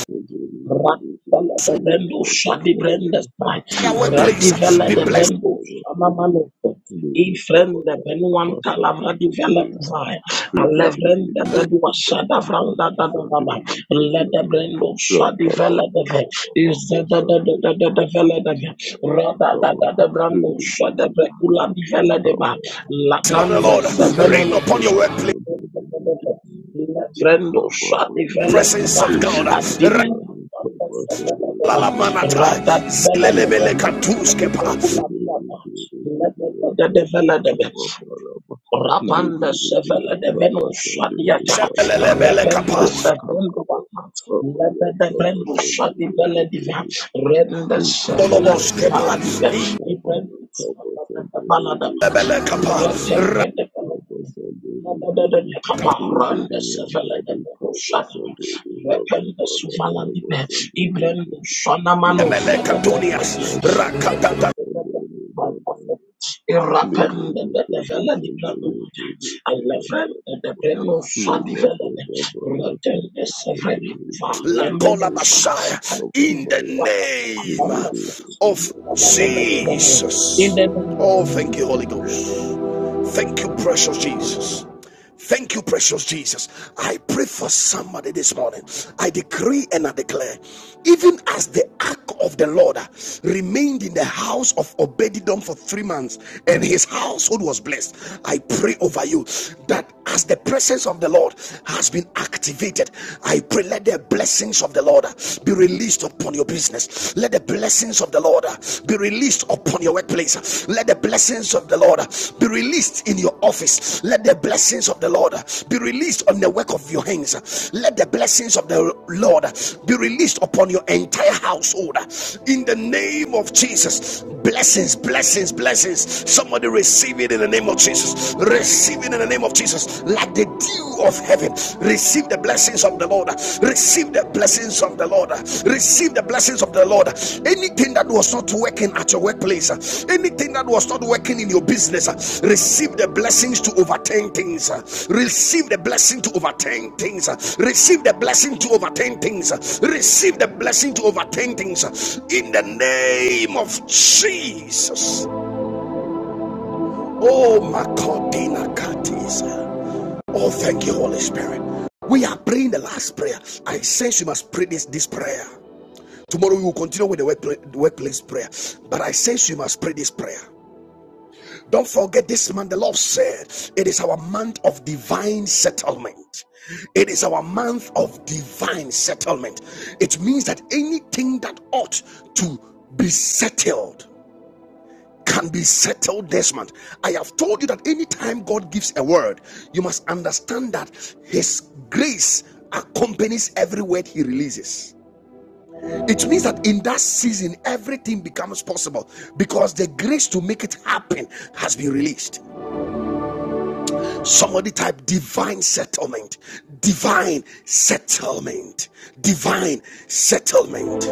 E: Rakala de
A: So,
E: Bendo Shadi Brendestai,
A: entire workplace uh,
E: Radivella
A: be
E: de
A: blessed
E: Bendo Shamamanoto, Efren de Benuan Calavra de Vella Vai, Alevren de Bedua Shada Vranda da da da da, Let de Brendo Shadi Vella de Ve, Is the da da da da da da Vella de Ve, Rada da da da Brando Shada Brecula de Vella de Ba,
A: of the
E: Laganda
A: Lord. Rain
D: Libere
E: Sevenemeno
A: upon your
D: come
A: workplace,
D: sapere di diventare capa
E: Vrendusha
D: palata,
A: presence
E: develekva,
A: of God.
D: rividi
E: adimena
D: andare
E: kwamba
D: capa sapere
E: sebelebeba,
D: di
A: Ralalamanata,
E: rada
D: palata,
E: develekeva,
D: libere come
A: zilelemelekatuskeba,
E: kula
D: sapere di
E: biata,
D: diventare
E: develebe,
D: capa palata,
E: Rapanda
D: libere
E: sevele
D: di
E: de
D: capa
E: Venus
D: sapere
E: shadiata,
D: palata,
E: repende
A: shelelelebelekapa,
E: sevendu
D: capa
E: wata, lebe
D: palata,
E: de
D: capa
E: vendu shadi vele diva,
D: sapere
E: rende
D: we cover
E: sevele
D: the
E: di
D: bus
E: vala
A: ndoloboskepa,
D: and they
E: diva,
D: did that on the
E: ibendu
D: river, and we cover
E: sevele
D: and
E: de
D: they
E: vala
D: did it
E: diva,
D: in the baby and
E: iretende
D: daddy
E: de vele
D: covers
E: diva,
D: and they
E: lebe
D: did
E: de de de
D: it.
E: kapa,
D: We did
E: rende
D: it and
E: sevele de
D: daddy
E: vendu
D: covers
E: shadi,
D: and they did rubber
E: repende
D: on the
E: suvala diva,
D: covers and they did
E: ibrendu
D: it.
E: shana manu
D: Little
E: sede
D: baby and
E: brende
D: daddy covers
E: se,
D: and they did rubber. Little
E: Irapende de de
D: baby was
E: vele di
D: in the
E: gradu.
D: baby baby and daddy.
E: Elevende de beno sa di
D: Little
E: vele de.
D: baby and daddy
E: Retende
D: covers
E: se
D: and they
E: vredi va
A: La
D: did
E: lemenu
A: Cola
D: it.
E: sa.
A: Messiah.
E: Adibu
A: In
D: Little
A: the
E: bukuwa takala
D: we
A: name
D: do
E: banda sa.
D: do do do
A: of
D: what the
E: Ifele de
D: do
E: bete
D: must
E: bene.
A: Jesus.
D: do.
E: In the name of
A: Oh,
E: Jesus.
A: thank you, Holy
D: In the
A: Ghost.
D: name
A: Thank you, precious Jesus. Thank you, precious Jesus. I pray for
D: we
A: somebody this morning. I decree and I declare, even as the ark of the Lord remained in the house of Obedidom for three months and his household was blessed, I pray over you that as the presence of the Lord has been activated, I pray let the blessings of the Lord be released upon your business. Let the blessings of the Lord Lord be released upon your workplace. Let the blessings of the Lord be released in your office. Let the blessings of the Lord be released on the work of your hands. Let the blessings of the Lord be released upon your entire household. In the name of Jesus, blessings, blessings, blessings. Somebody receive it in the name of Jesus. Receive it in the name of Jesus. Like the dew of heaven Receive the blessings of the Lord. Receive the blessings of the Lord. Receive the blessings of the Lord. Anything that was not working at your workplace, anything that was not working in your business, receive the blessings to overturn things. Receive the blessing to overturn things. Receive the blessing to overturn things. Receive the blessing to overturn things. In the name of Jesus. Oh, my God, Oh, thank you, Holy Spirit. We are praying the last prayer. I sense you must pray this, this prayer. Tomorrow we will continue with the workpla- workplace prayer. But I sense you must pray this prayer. Don't forget this month, the Lord said, it is our month of divine settlement. It is our month of divine settlement. It means that anything that ought to be settled can be settled this month. I have told you that anytime God gives a word, you must understand that His grace accompanies every word He releases. It means that in that season, everything becomes possible because the grace to make it happen has been released. Somebody type divine settlement, divine settlement, divine settlement,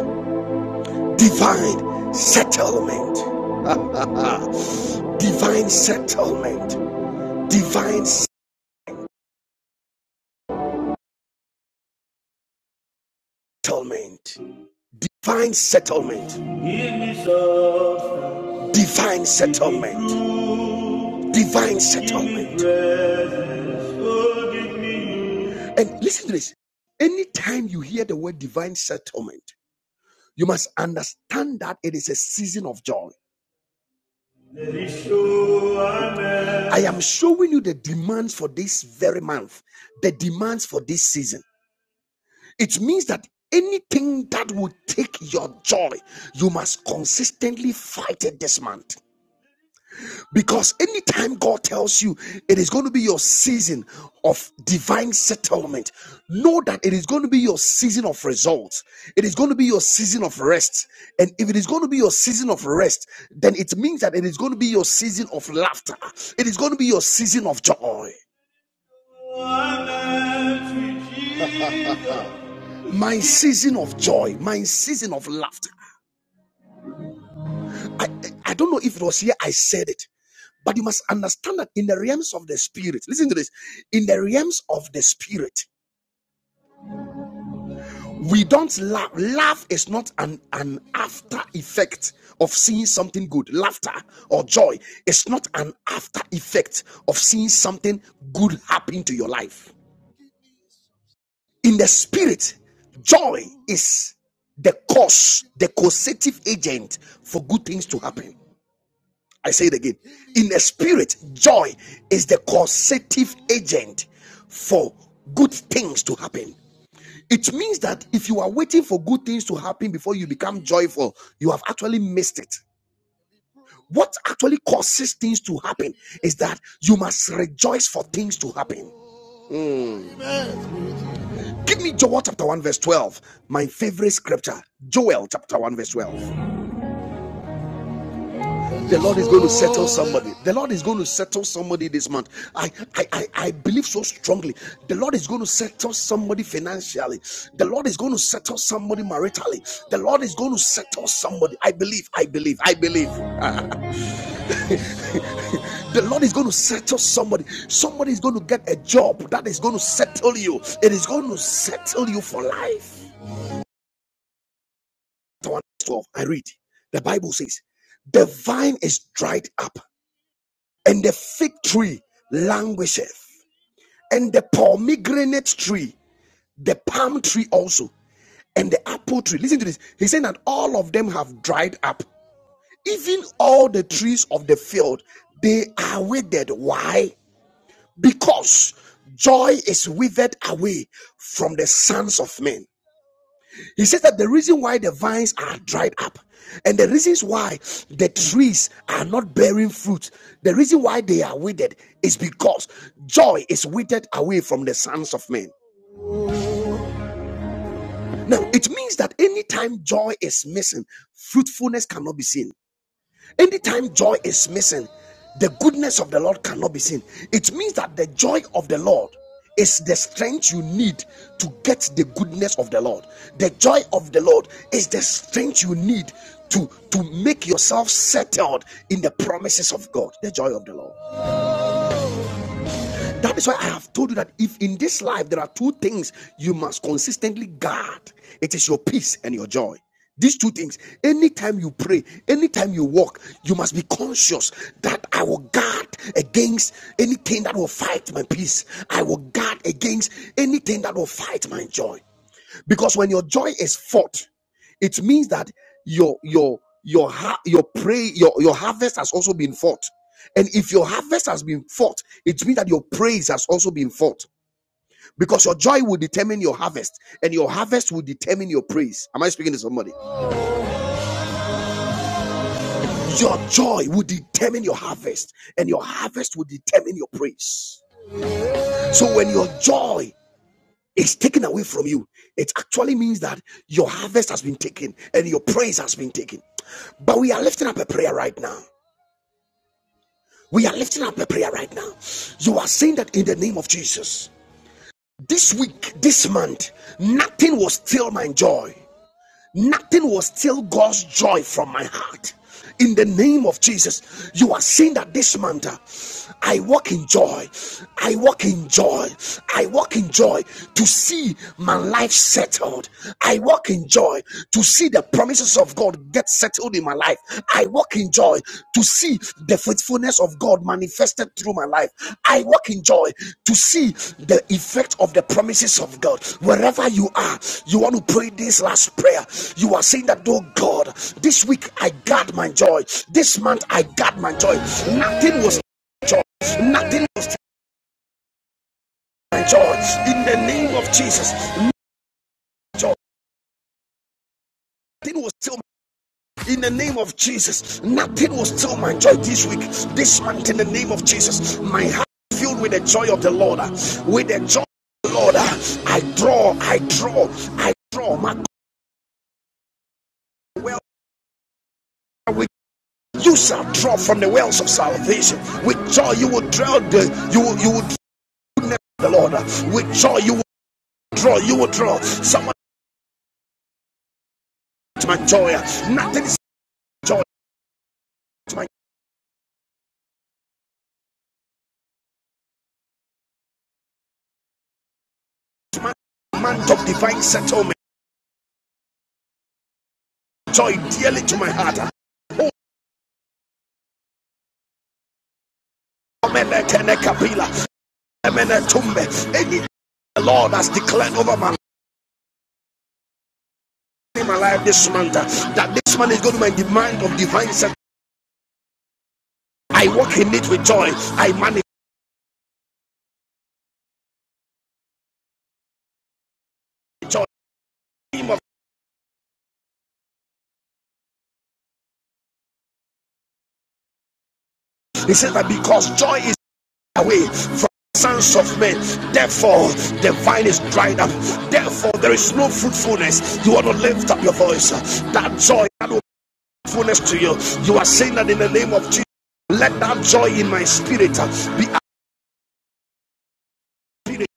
A: divine settlement, divine settlement, divine settlement. settlement. Divine settlement. Divine settlement. Divine settlement. And listen to this. Anytime you hear the word divine settlement, you must understand that it is a season of joy. I am showing you the demands for this very month, the demands for this season. It means that anything that will take your joy, you must consistently fight it this month. Because anytime God tells you it is going to be your season of divine settlement, know that it is going to be your season of results. It is going to be your season of rest. And if it is going to be your season of rest, then it means that it is going to be your season of laughter. It is going to be your season of joy. My season of joy, my season of laughter. I, I don't know if it was here I said it, but you must understand that in the realms of the spirit, listen to this. In the realms of the spirit, we don't laugh. Laugh is not an, an after effect of seeing something good. Laughter or joy is not an after effect of seeing something good happen to your life. In the spirit, joy is the cause, the causative agent for good things to happen. I say it again. In the spirit, joy is the causative agent for good things to happen. It means that if you are waiting for good things to happen before you become joyful, you have actually missed it. What actually causes things to happen is that you must rejoice for things to happen. Give me Joel chapter 1, verse 12, my favorite scripture. Joel chapter 1, verse 12. The Lord is going to settle somebody. The Lord is going to settle somebody this month. I, I, I, I believe so strongly. The Lord is going to settle somebody financially. The Lord is going to settle somebody maritally. The Lord is going to settle somebody. I believe, I believe, I believe. The Lord is going to settle somebody. Somebody is going to get a job that is going to settle you. It is going to settle you for life. 12, I read. The Bible says, The vine is dried up and the fig tree languisheth and the pomegranate tree, the palm tree also, and the apple tree. Listen to this. He said that all of them have dried up. Even all the trees of the field, they are withered. Why? Because joy is withered away from the sons of men. He says that the reason why the vines are dried up and the reasons why the trees are not bearing fruit, the reason why they are withered is because joy is withered away from the sons of men. Now, it means that anytime joy is missing, fruitfulness cannot be seen. Anytime joy is missing, the goodness of the Lord cannot be seen. It means that the joy of the Lord is the strength you need to get the goodness of the Lord. The joy of the Lord is the strength you need to, to make yourself settled in the promises of God. The joy of the Lord. That is why I have told you that if in this life there are two things you must consistently guard, it is your peace and your joy. These two things, anytime you pray, anytime you walk, you must be conscious that I will guard against anything that will fight my peace. I will guard against anything that will fight my joy. Because when your joy is fought, it means that your your your ha- your pray your your harvest has also been fought. And if your harvest has been fought, it means that your praise has also been fought. Because your joy will determine your harvest, and your harvest will determine your praise. Am I speaking to somebody? Your joy will determine your harvest, and your harvest will determine your praise. So when your joy It's taken away from you. It actually means that your harvest has been taken and your praise has been taken. But we are lifting up a prayer right now. We are lifting up a prayer right now. You are saying that in the name of Jesus. This week, this month, nothing will steal my joy. Nothing will steal God's joy from my heart. In the name of Jesus, you are saying that this month uh, I walk in joy. I walk in joy. I walk in joy to see my life settled. I walk in joy to see the promises of God get settled in my life. I I walk in joy to see the faithfulness of God manifested through my life. I walk in joy to see the effect of the promises of God. Wherever you are, you want to pray this last prayer. You are saying that, oh God, this week I guard my joy. This month I guard my joy. Nothing was joy. Nothing was my joy. In the name of Jesus, joy. Nothing was still. In the name of Jesus, nothing will steal my joy this week, this month. In the name of Jesus, my heart is filled with the joy of the Lord, uh, with the joy of the Lord. uh, I draw, I draw, I draw. My well, you shall draw from the wells of salvation. With joy, you will draw the you will you will draw the Lord. uh, With joy, you will draw, you will draw. Someone to my joy. uh, Nothing is joy. It's my month of divine settlement. Joy dearly to my heart. uh. Oh, Omeleke ne kapila. Any the Lord has declared over my, my life this month uh, that this man is going to be my demand of divine success. I walk in it with joy. I manage joy. He says that because joy is away from the sons of men, therefore the vine is dried up. Therefore there is no fruitfulness. You want to lift up your voice. uh, That joy, that will be fruitfulness to you. You are saying that in the name of Jesus. Let that joy in my spirit uh, be activated.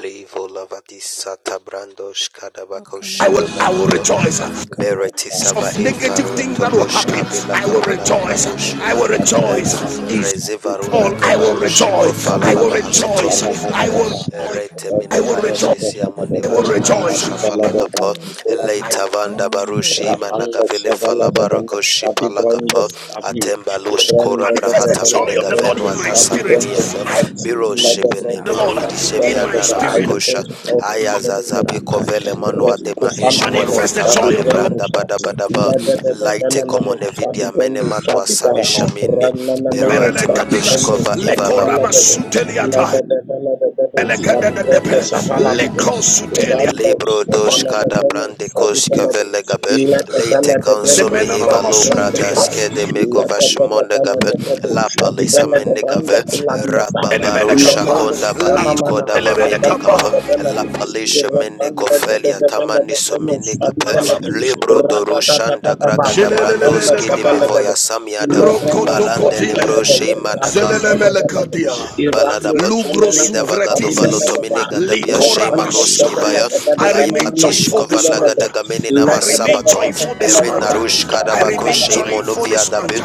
F: Levo lavadisa tabrando shkadabako
B: Wakala
A: I will
F: shimana
A: I will
F: kapa.
B: mashata la
A: rejoice.
B: balaka.
F: Bereti sava
A: of
F: e
A: negative
F: farun
A: things that will
F: tokosh
A: happen,
F: kabila
A: I will
F: kapala
A: rejoice.
F: labado
B: Kata
A: I will
F: shumane
B: tala
F: kape.
A: rejoice.
B: balakas.
A: Is
B: Shata la
F: Rezivaruna
A: all I will
B: balaka.
F: kabarushi
A: rejoice.
F: kofala
A: I will
F: labaha
A: rejoice.
F: sotomini
A: I
F: kape.
B: Balaka
A: will rejoice.
B: shata
F: Rete
B: la
A: I will
B: balaka.
F: minava
A: rejoice.
F: ishisia
B: I
A: I
F: muneva
A: will
B: rejoice in
F: gabarusha
A: rejoice. I
F: pala
A: will
B: all
F: kapo.
B: things. ah.
A: I
F: Leita vanda
B: Oh, I
E: Rapanda
F: vile
B: rejoice.
E: Savella Devano
F: falabarako
B: I
E: Shabi Brenda
F: shipalakapo
B: rejoice in
E: Sabi
B: all
D: come.
B: things.
F: atembalush kora
E: Brenda,
D: We
A: manifest
E: Brenda,
A: the
F: brahata
E: Brenda,
A: joy of
F: minega
D: do
A: the Lord
E: Brenda,
F: venu
A: in
D: do
A: my
D: on
E: Shabu,
F: atasa
B: I
A: spirit.
D: the
E: Brenda,
F: miniado
D: do do
B: rejoice
A: I
D: do
B: in
D: do
B: all
F: biro
D: do do
E: Lada,
B: things.
D: do
F: shebene
E: Brenda,
A: the
D: do do do
A: Lord
D: do
F: marudi
B: Lakata
E: Shabu,
B: la
A: in
E: Bella,
D: do
A: my
F: shemiana
B: balaka
E: Brenda,
F: na
E: I
A: spirit.
D: little
B: shata.
E: return
F: makosha
D: do
E: to out
D: do us
F: aya
E: in
D: on
E: the
D: the
E: name of
D: do
F: zazabi
D: do do do do do do
F: kovele
E: Jesus.
B: Lakata la
F: manwa
E: Rest,
F: dema
B: balaka
D: do
E: Kufana,
F: inshmon
B: shata
E: Mano,
B: la
A: Manifest the
B: baha.
E: Shabu,
A: joy
F: watapali
A: of the Lord.
E: Brenda,
F: branda
E: Shabu,
F: badabadaba
B: Leko
E: Lada,
D: do do do of us. We do do do do
E: Brenda,
F: laite
B: shapanta
E: Brenda,
B: la
E: Mano,
B: baha.
F: komone
D: what
E: Shabu,
F: vidia
D: the
F: mene
E: Brenda,
D: do do do
F: matwa
E: brand, Bella,
D: do
A: The
F: samisha
A: Lord.
F: mini
E: Ranana,
D: do do. do do do do We
E: brand.
F: berua
A: Berele
B: Leko
D: do
E: Shabu,
D: do
A: kapilas
E: Brenda,
D: do
B: shapan
F: timanushkova
D: and the
E: brand,
F: ivala
A: lekorama
B: telefele
D: do do do do do do
B: ketele
E: Bella,
A: suteliata
E: Brenda,
D: do do
E: brand,
D: do.
E: Brenda, Lada, Brenda,
D: baba,
E: Shabu, the
B: makatala balakasha
A: belekadadadepe
B: talaba.
E: Shavala,
B: la
E: Bida,
A: leko
B: kasha
A: sutelia.
B: talaba.
E: Randa,
F: Libro
E: brand,
F: dos
E: Lada,
F: Cadabrande Koska
E: Brenda, brand,
F: Velegabe,
E: Bella,
F: Late
E: Lada, Brenda,
F: Consome
A: Zemena na
E: Shabu,
F: Evalobra
E: the
F: Daske
A: namasunte
E: Shabu,
F: de
E: let the
F: Megovashmondegabe,
E: Pedro
F: Lapa
E: Shabi Bella de Randa
F: Lisamenegabe,
E: Pulabila Sata,
F: Rababarusha
A: Enemenekapa,
E: Ilabendo
F: Kondaba
A: Latu
F: Iko
E: Shanamana,
F: Dava
D: you.
E: Rapanda
A: Elemenekapa,
F: Menekapa,
E: Sabella,
F: Lapa
E: Irapanda de
F: Lishemenekofelia
E: Bella de
F: Tamaniso
E: Reno Shabi Bella,
A: Alala,
F: Menekape, Libro
E: Rata
F: Dorushanda
E: Tataba,
F: graga da
E: Rapanda
F: Brandoski de
E: Sabella
A: Shelelelebelekapa.
E: de
F: Mevoya Samiada,
E: Ilabendo
F: Balande
E: Shabi
A: Rokotokotile.
E: Bella
F: Libro
E: de Rando
F: Shimanaka.
E: Sabella,
A: Zelelemelekadia.
E: Irando
F: Baladaba,
A: Lugro
F: Leda
E: Sonamano Shabi
D: Sunday,
E: Bella
A: suvretises.
E: de
F: Vagadovalotomine
E: Va,
F: Gadabia
A: Likora
E: Rapanda
F: Shaimanoski
E: Sabella
A: bashaya.
F: Baya,
E: de.
A: I remain
F: Laipatish
A: joyful this month.
F: Kovalagadagamena
A: I remain
F: Masabato,
A: joyful this
F: Berin
A: month.
F: Narush
A: I
F: Kadabako
A: remain
E: Rabanda
A: joyful
F: Shaimonovia
A: this
F: Dabu,
A: month.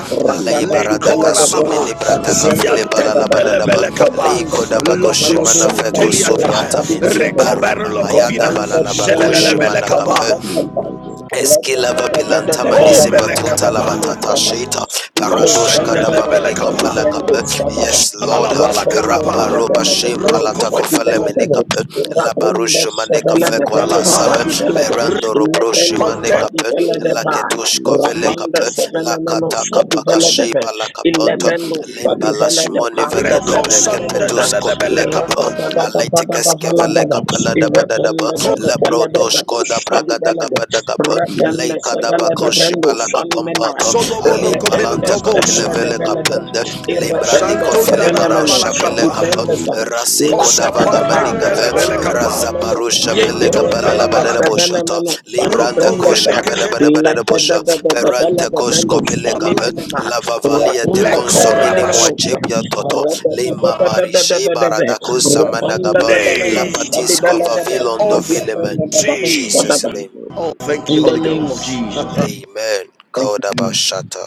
F: Lay
E: Ratata
F: Baradaka
E: develop
A: Lekora
E: the brand of
A: baba.
F: Sumini
E: fatty
F: Brataka
E: brand of
F: File
E: fataba.
F: Balalabadadaba, Lay
A: Ziantendelebelekaba.
E: Rapanda the
F: Kodabago
E: develop
F: Shimana
A: Lokrosu
E: one that
F: Feko
E: it was
A: teliata.
E: study
F: Subiatami,
E: developed.
A: Recover
F: Barama Mayada
A: lokovina.
E: Rapanda
F: Balalabaku
E: development of
A: zelelelebele
F: Shimana
E: fatty
F: Kape,
E: brand
A: kaba.
E: of Father, Let
F: Eskilava
E: the
F: bilanta
A: Oh
F: manisi
E: develop the
F: batuta la
E: brand of
A: melekataba.
F: batata
E: father
F: shita
E: the
F: paradosh kadava
E: infernal
A: kosendelebele
F: minika
E: from the
A: kaba.
E: grand of
F: palakape.
E: Fadaba,
F: Yes, Lord. ha.
E: Rapenda de
F: Rabaroba
E: Bella de
F: shim
E: Bello
F: palata
E: Fadi
F: kofele
E: Bella de
F: minikape.
E: Racunda
F: Labarush maneka
E: Sevella de Bello
F: fekwata sabe.
E: Fadi Bella de
F: Berando robroshi
E: Leprendo Fadi
F: manekape.
E: Bella de
D: Thank you.
E: Va,
F: Laketush kovele
E: Rapanda
F: kape.
E: Sevella Meno
F: Lakata
E: Fadi
F: kapaka
E: Bella de Ve,
F: sheba lakaponto.
E: Ilebrendo Fadi
F: Limba
E: Bella de
F: lashmoni
E: Panda
F: vegedobre
E: Sevella Meno Fa,
F: kepetus kobile kapo
E: Irada
F: daba
E: da da da da da
F: aletikes
E: da Valla
F: kevele
E: da da,
F: kapala daba daba
E: Irapenda de
F: lebro
E: Bella de
F: doshko da
E: Vacus Fadi
F: braga da
E: Bella de,
F: gaba da gaba leika daba
E: Rapenda
F: koshi
E: Rendo
F: bala
E: fani mena
F: kapampato ali
E: retende
F: palanta kapile
E: sevele de
F: vele
E: bele de
F: kapende limbrandi kofile
E: sevele
F: barau
E: meno sabi
F: shabele kapa
E: brende sa
F: rasi
E: la da da
F: kodava
E: da va
F: gamani gave
E: reonda
F: raza
E: semeno
F: baru
E: sa
F: shabele gabala la
E: irretende
F: bada da
E: sevele
F: boshata
E: meno sabi
F: libranda
E: brende
F: kosh
E: sa
F: kabada bada
E: la
F: bada da
E: da da
F: bosha
E: da da da bele
F: perante
E: de
F: kosh
E: brendo
F: kabile
E: fani
F: gabe
E: mena ma
F: la vavalia te
E: reonda sevele
F: consomini
E: meno sa
F: mwajibia toto
E: re da da
F: Lima
E: da da da da
F: Marishe
E: da da ve
F: Baradakosa
E: reonda
F: Managaba
E: da da meno
A: Name
E: sabi
F: Lapatis
E: bele de
F: Kovavilon
D: Thank
A: of
F: Dovileme. In
A: Jesus.
F: Jesus'
E: ve
F: name.
D: you.
A: Oh, thank you,
E: in the
A: Holy
E: name of
A: Ghost.
E: Jesus.
F: Amen.
E: Thank you, Jesus.
F: Kodabashata.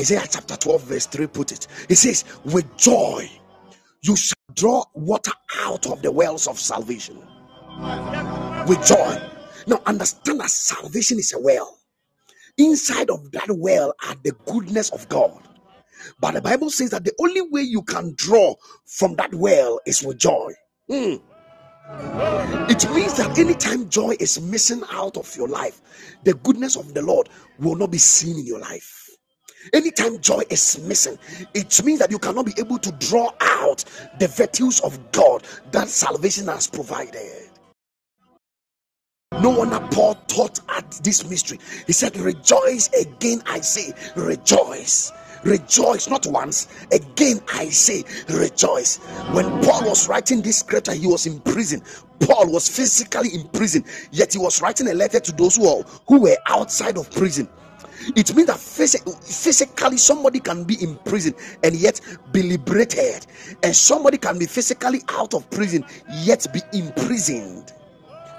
A: Isaiah chapter 12, verse 3 put it. He says, With joy you shall draw water out of the wells of salvation. With joy. Now understand that salvation is a well. Inside of that well are the goodness of God. But the Bible says that the only way you can draw from that well is with joy. It means that anytime joy is missing out of your life, the goodness of the Lord will not be seen in your life. Anytime joy is missing, it means that you cannot be able to draw out the virtues of God that salvation has provided. No wonder Paul taught at this mystery. He said, Rejoice again, I say, rejoice. Rejoice, not once. Again, I say, rejoice. When Paul was writing this scripture, he was in prison. Paul was physically in prison, yet he was writing a letter to those who, are, who were outside of prison. It means that physically somebody can be in prison and yet be liberated, and somebody can be physically out of prison yet be imprisoned.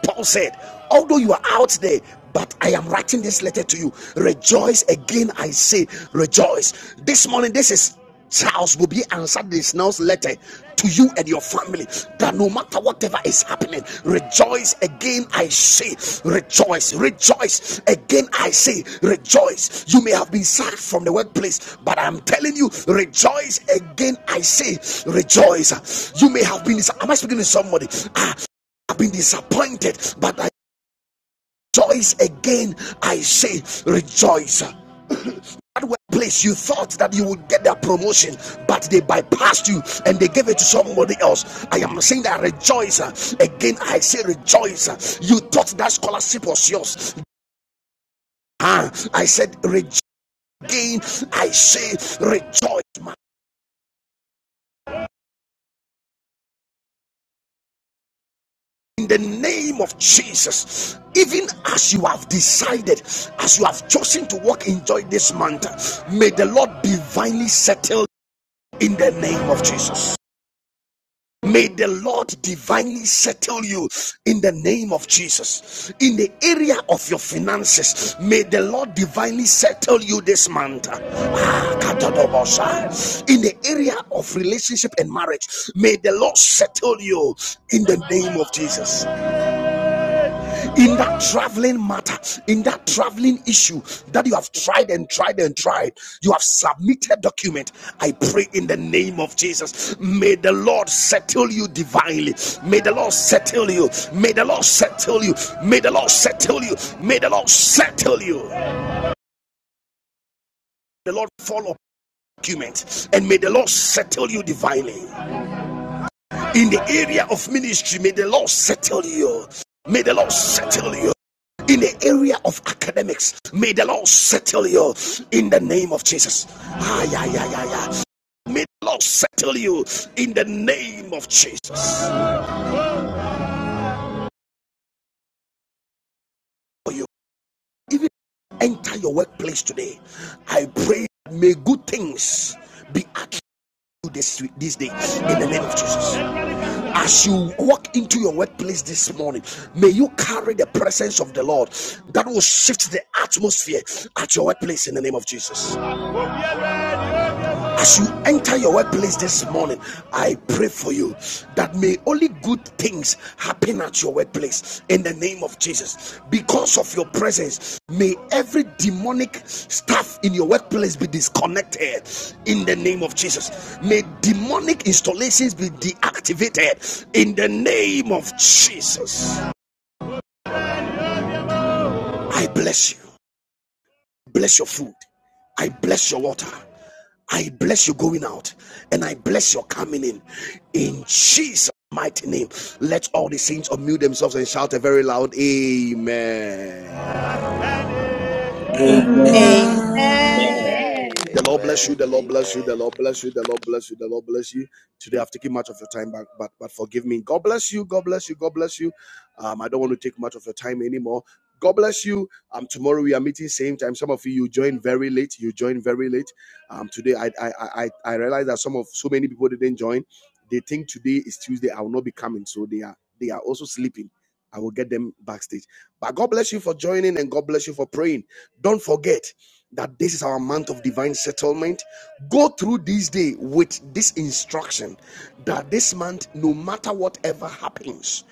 A: Paul said, Although you are out there, but I am writing this letter to you. Rejoice again, I say, rejoice. This morning, this is Charles will be answered this now's letter to you and your family that no matter whatever is happening, rejoice again. I say, rejoice, rejoice again. I say, rejoice. You may have been sacked from the workplace, but I'm telling you, rejoice again. I say, rejoice. You may have been, am I speaking to somebody? Ah, been disappointed, but I rejoice again. I say, rejoice. That workplace you thought that you would get that promotion, but they bypassed you and they gave it to somebody else. I am saying that rejoice again. I say rejoice. You thought that scholarship was yours. Ah, I said rejoice again. I say rejoice. in the name of Jesus. Even as you have decided, as you have chosen to walk in joy this month, may the Lord divinely settle in the name of Jesus. May the Lord divinely settle you in the name of Jesus. In the area of your finances, may the Lord divinely settle you this month. Ah, katadobosha. In the area of relationship and marriage, may the Lord settle you in the name of Jesus. in that traveling matter, in that traveling issue that you have tried and tried and tried, you have submitted document. I pray in the name of Jesus. May the Lord settle you divinely. May the Lord settle you. May the Lord settle you. May the Lord settle you. May the Lord settle you. The Lord follow document and may the Lord settle you divinely. in the area of ministry may the lord settle you may the lord settle you in the area of academics may the lord settle you in the name of jesus ah, yeah, yeah, yeah, yeah. may the lord settle you in the name of jesus for you even enter your workplace today i pray may good things be active you this, this day in the name of jesus As you walk into your workplace this morning, may you carry the presence of the Lord that will shift the atmosphere at your workplace in the name of Jesus. As you enter your workplace this morning, I pray for you that may only good things happen at your workplace in the name of Jesus. Because of your presence, may every demonic staff in your workplace be disconnected in the name of Jesus. May demonic installations be deactivated in the name of Jesus. I bless you. Bless your food. I bless your water. I bless you going out and I bless your coming in. In Jesus' mighty name, let all the saints unmute themselves and shout a very loud Amen.
E: Amen.
B: Amen.
E: Amen.
F: Amen.
G: Amen.
A: The
H: Amen.
A: Lord bless you.
F: Amen.
A: The Lord
I: Amen.
A: bless you. The
F: Amen.
A: Lord bless you. The Lord bless you. The Lord bless you. Today I've taken much of your time back, but but forgive me. God bless you. God bless you. God bless you. Um, I don't want to take much of your time anymore. God bless you. Um, tomorrow we are meeting same time. Some of you you join very late. You join very late. Um, today I I I I I realize that some of so many people didn't join. They think today is Tuesday. I will not be coming, so they are they are also sleeping. I will get them backstage. But God bless you for joining and God bless you for praying. Don't forget that this is our month of divine settlement, go through this day with this instruction that this month, no matter whatever happens,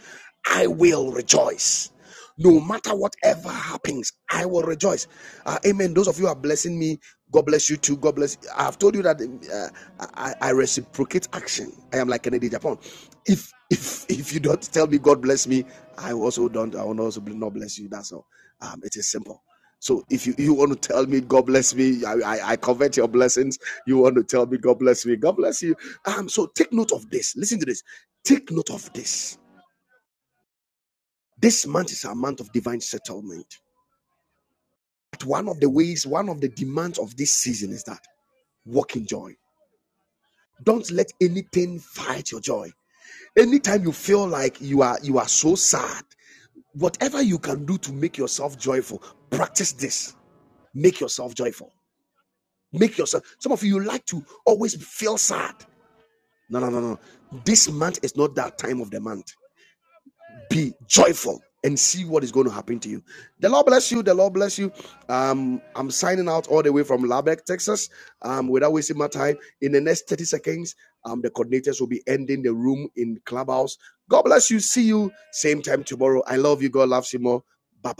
A: I will rejoice. No matter whatever happens, I will rejoice. Uh, amen. Those of you who are blessing me, God bless you too. God bless. you. I've told you that um, uh, I, I I reciprocate action. I am like Kennedy Japan. If if if you don't tell me God bless me, I also don't. I will also not bless you. That's all. Um, it is simple. So if you, you want to tell me God bless me, I, I, I covet your blessings. You want to tell me God bless me, God bless you. Um, so take note of this. Listen to this. Take note of this. This month is a month of divine settlement. But one of the ways, one of the demands of this season is that walk in joy. Don't let anything fight your joy. Anytime you feel like you are you are so sad, whatever you can do to make yourself joyful, practice this. Make yourself joyful. Make yourself. Some of you like to always feel sad. No, no, no, no. This month is not that time of the month. be joyful and see what is going to happen to you. The Lord bless you. The Lord bless you. Um, I'm signing out all the way from Lubbock, Texas. Um, without wasting my time, in the next 30 seconds, um, the coordinators will be ending the room in Clubhouse. God bless you. See you same time tomorrow. I love you. God loves you more. Bye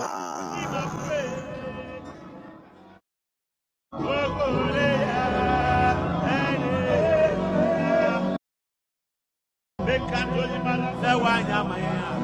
A: bye.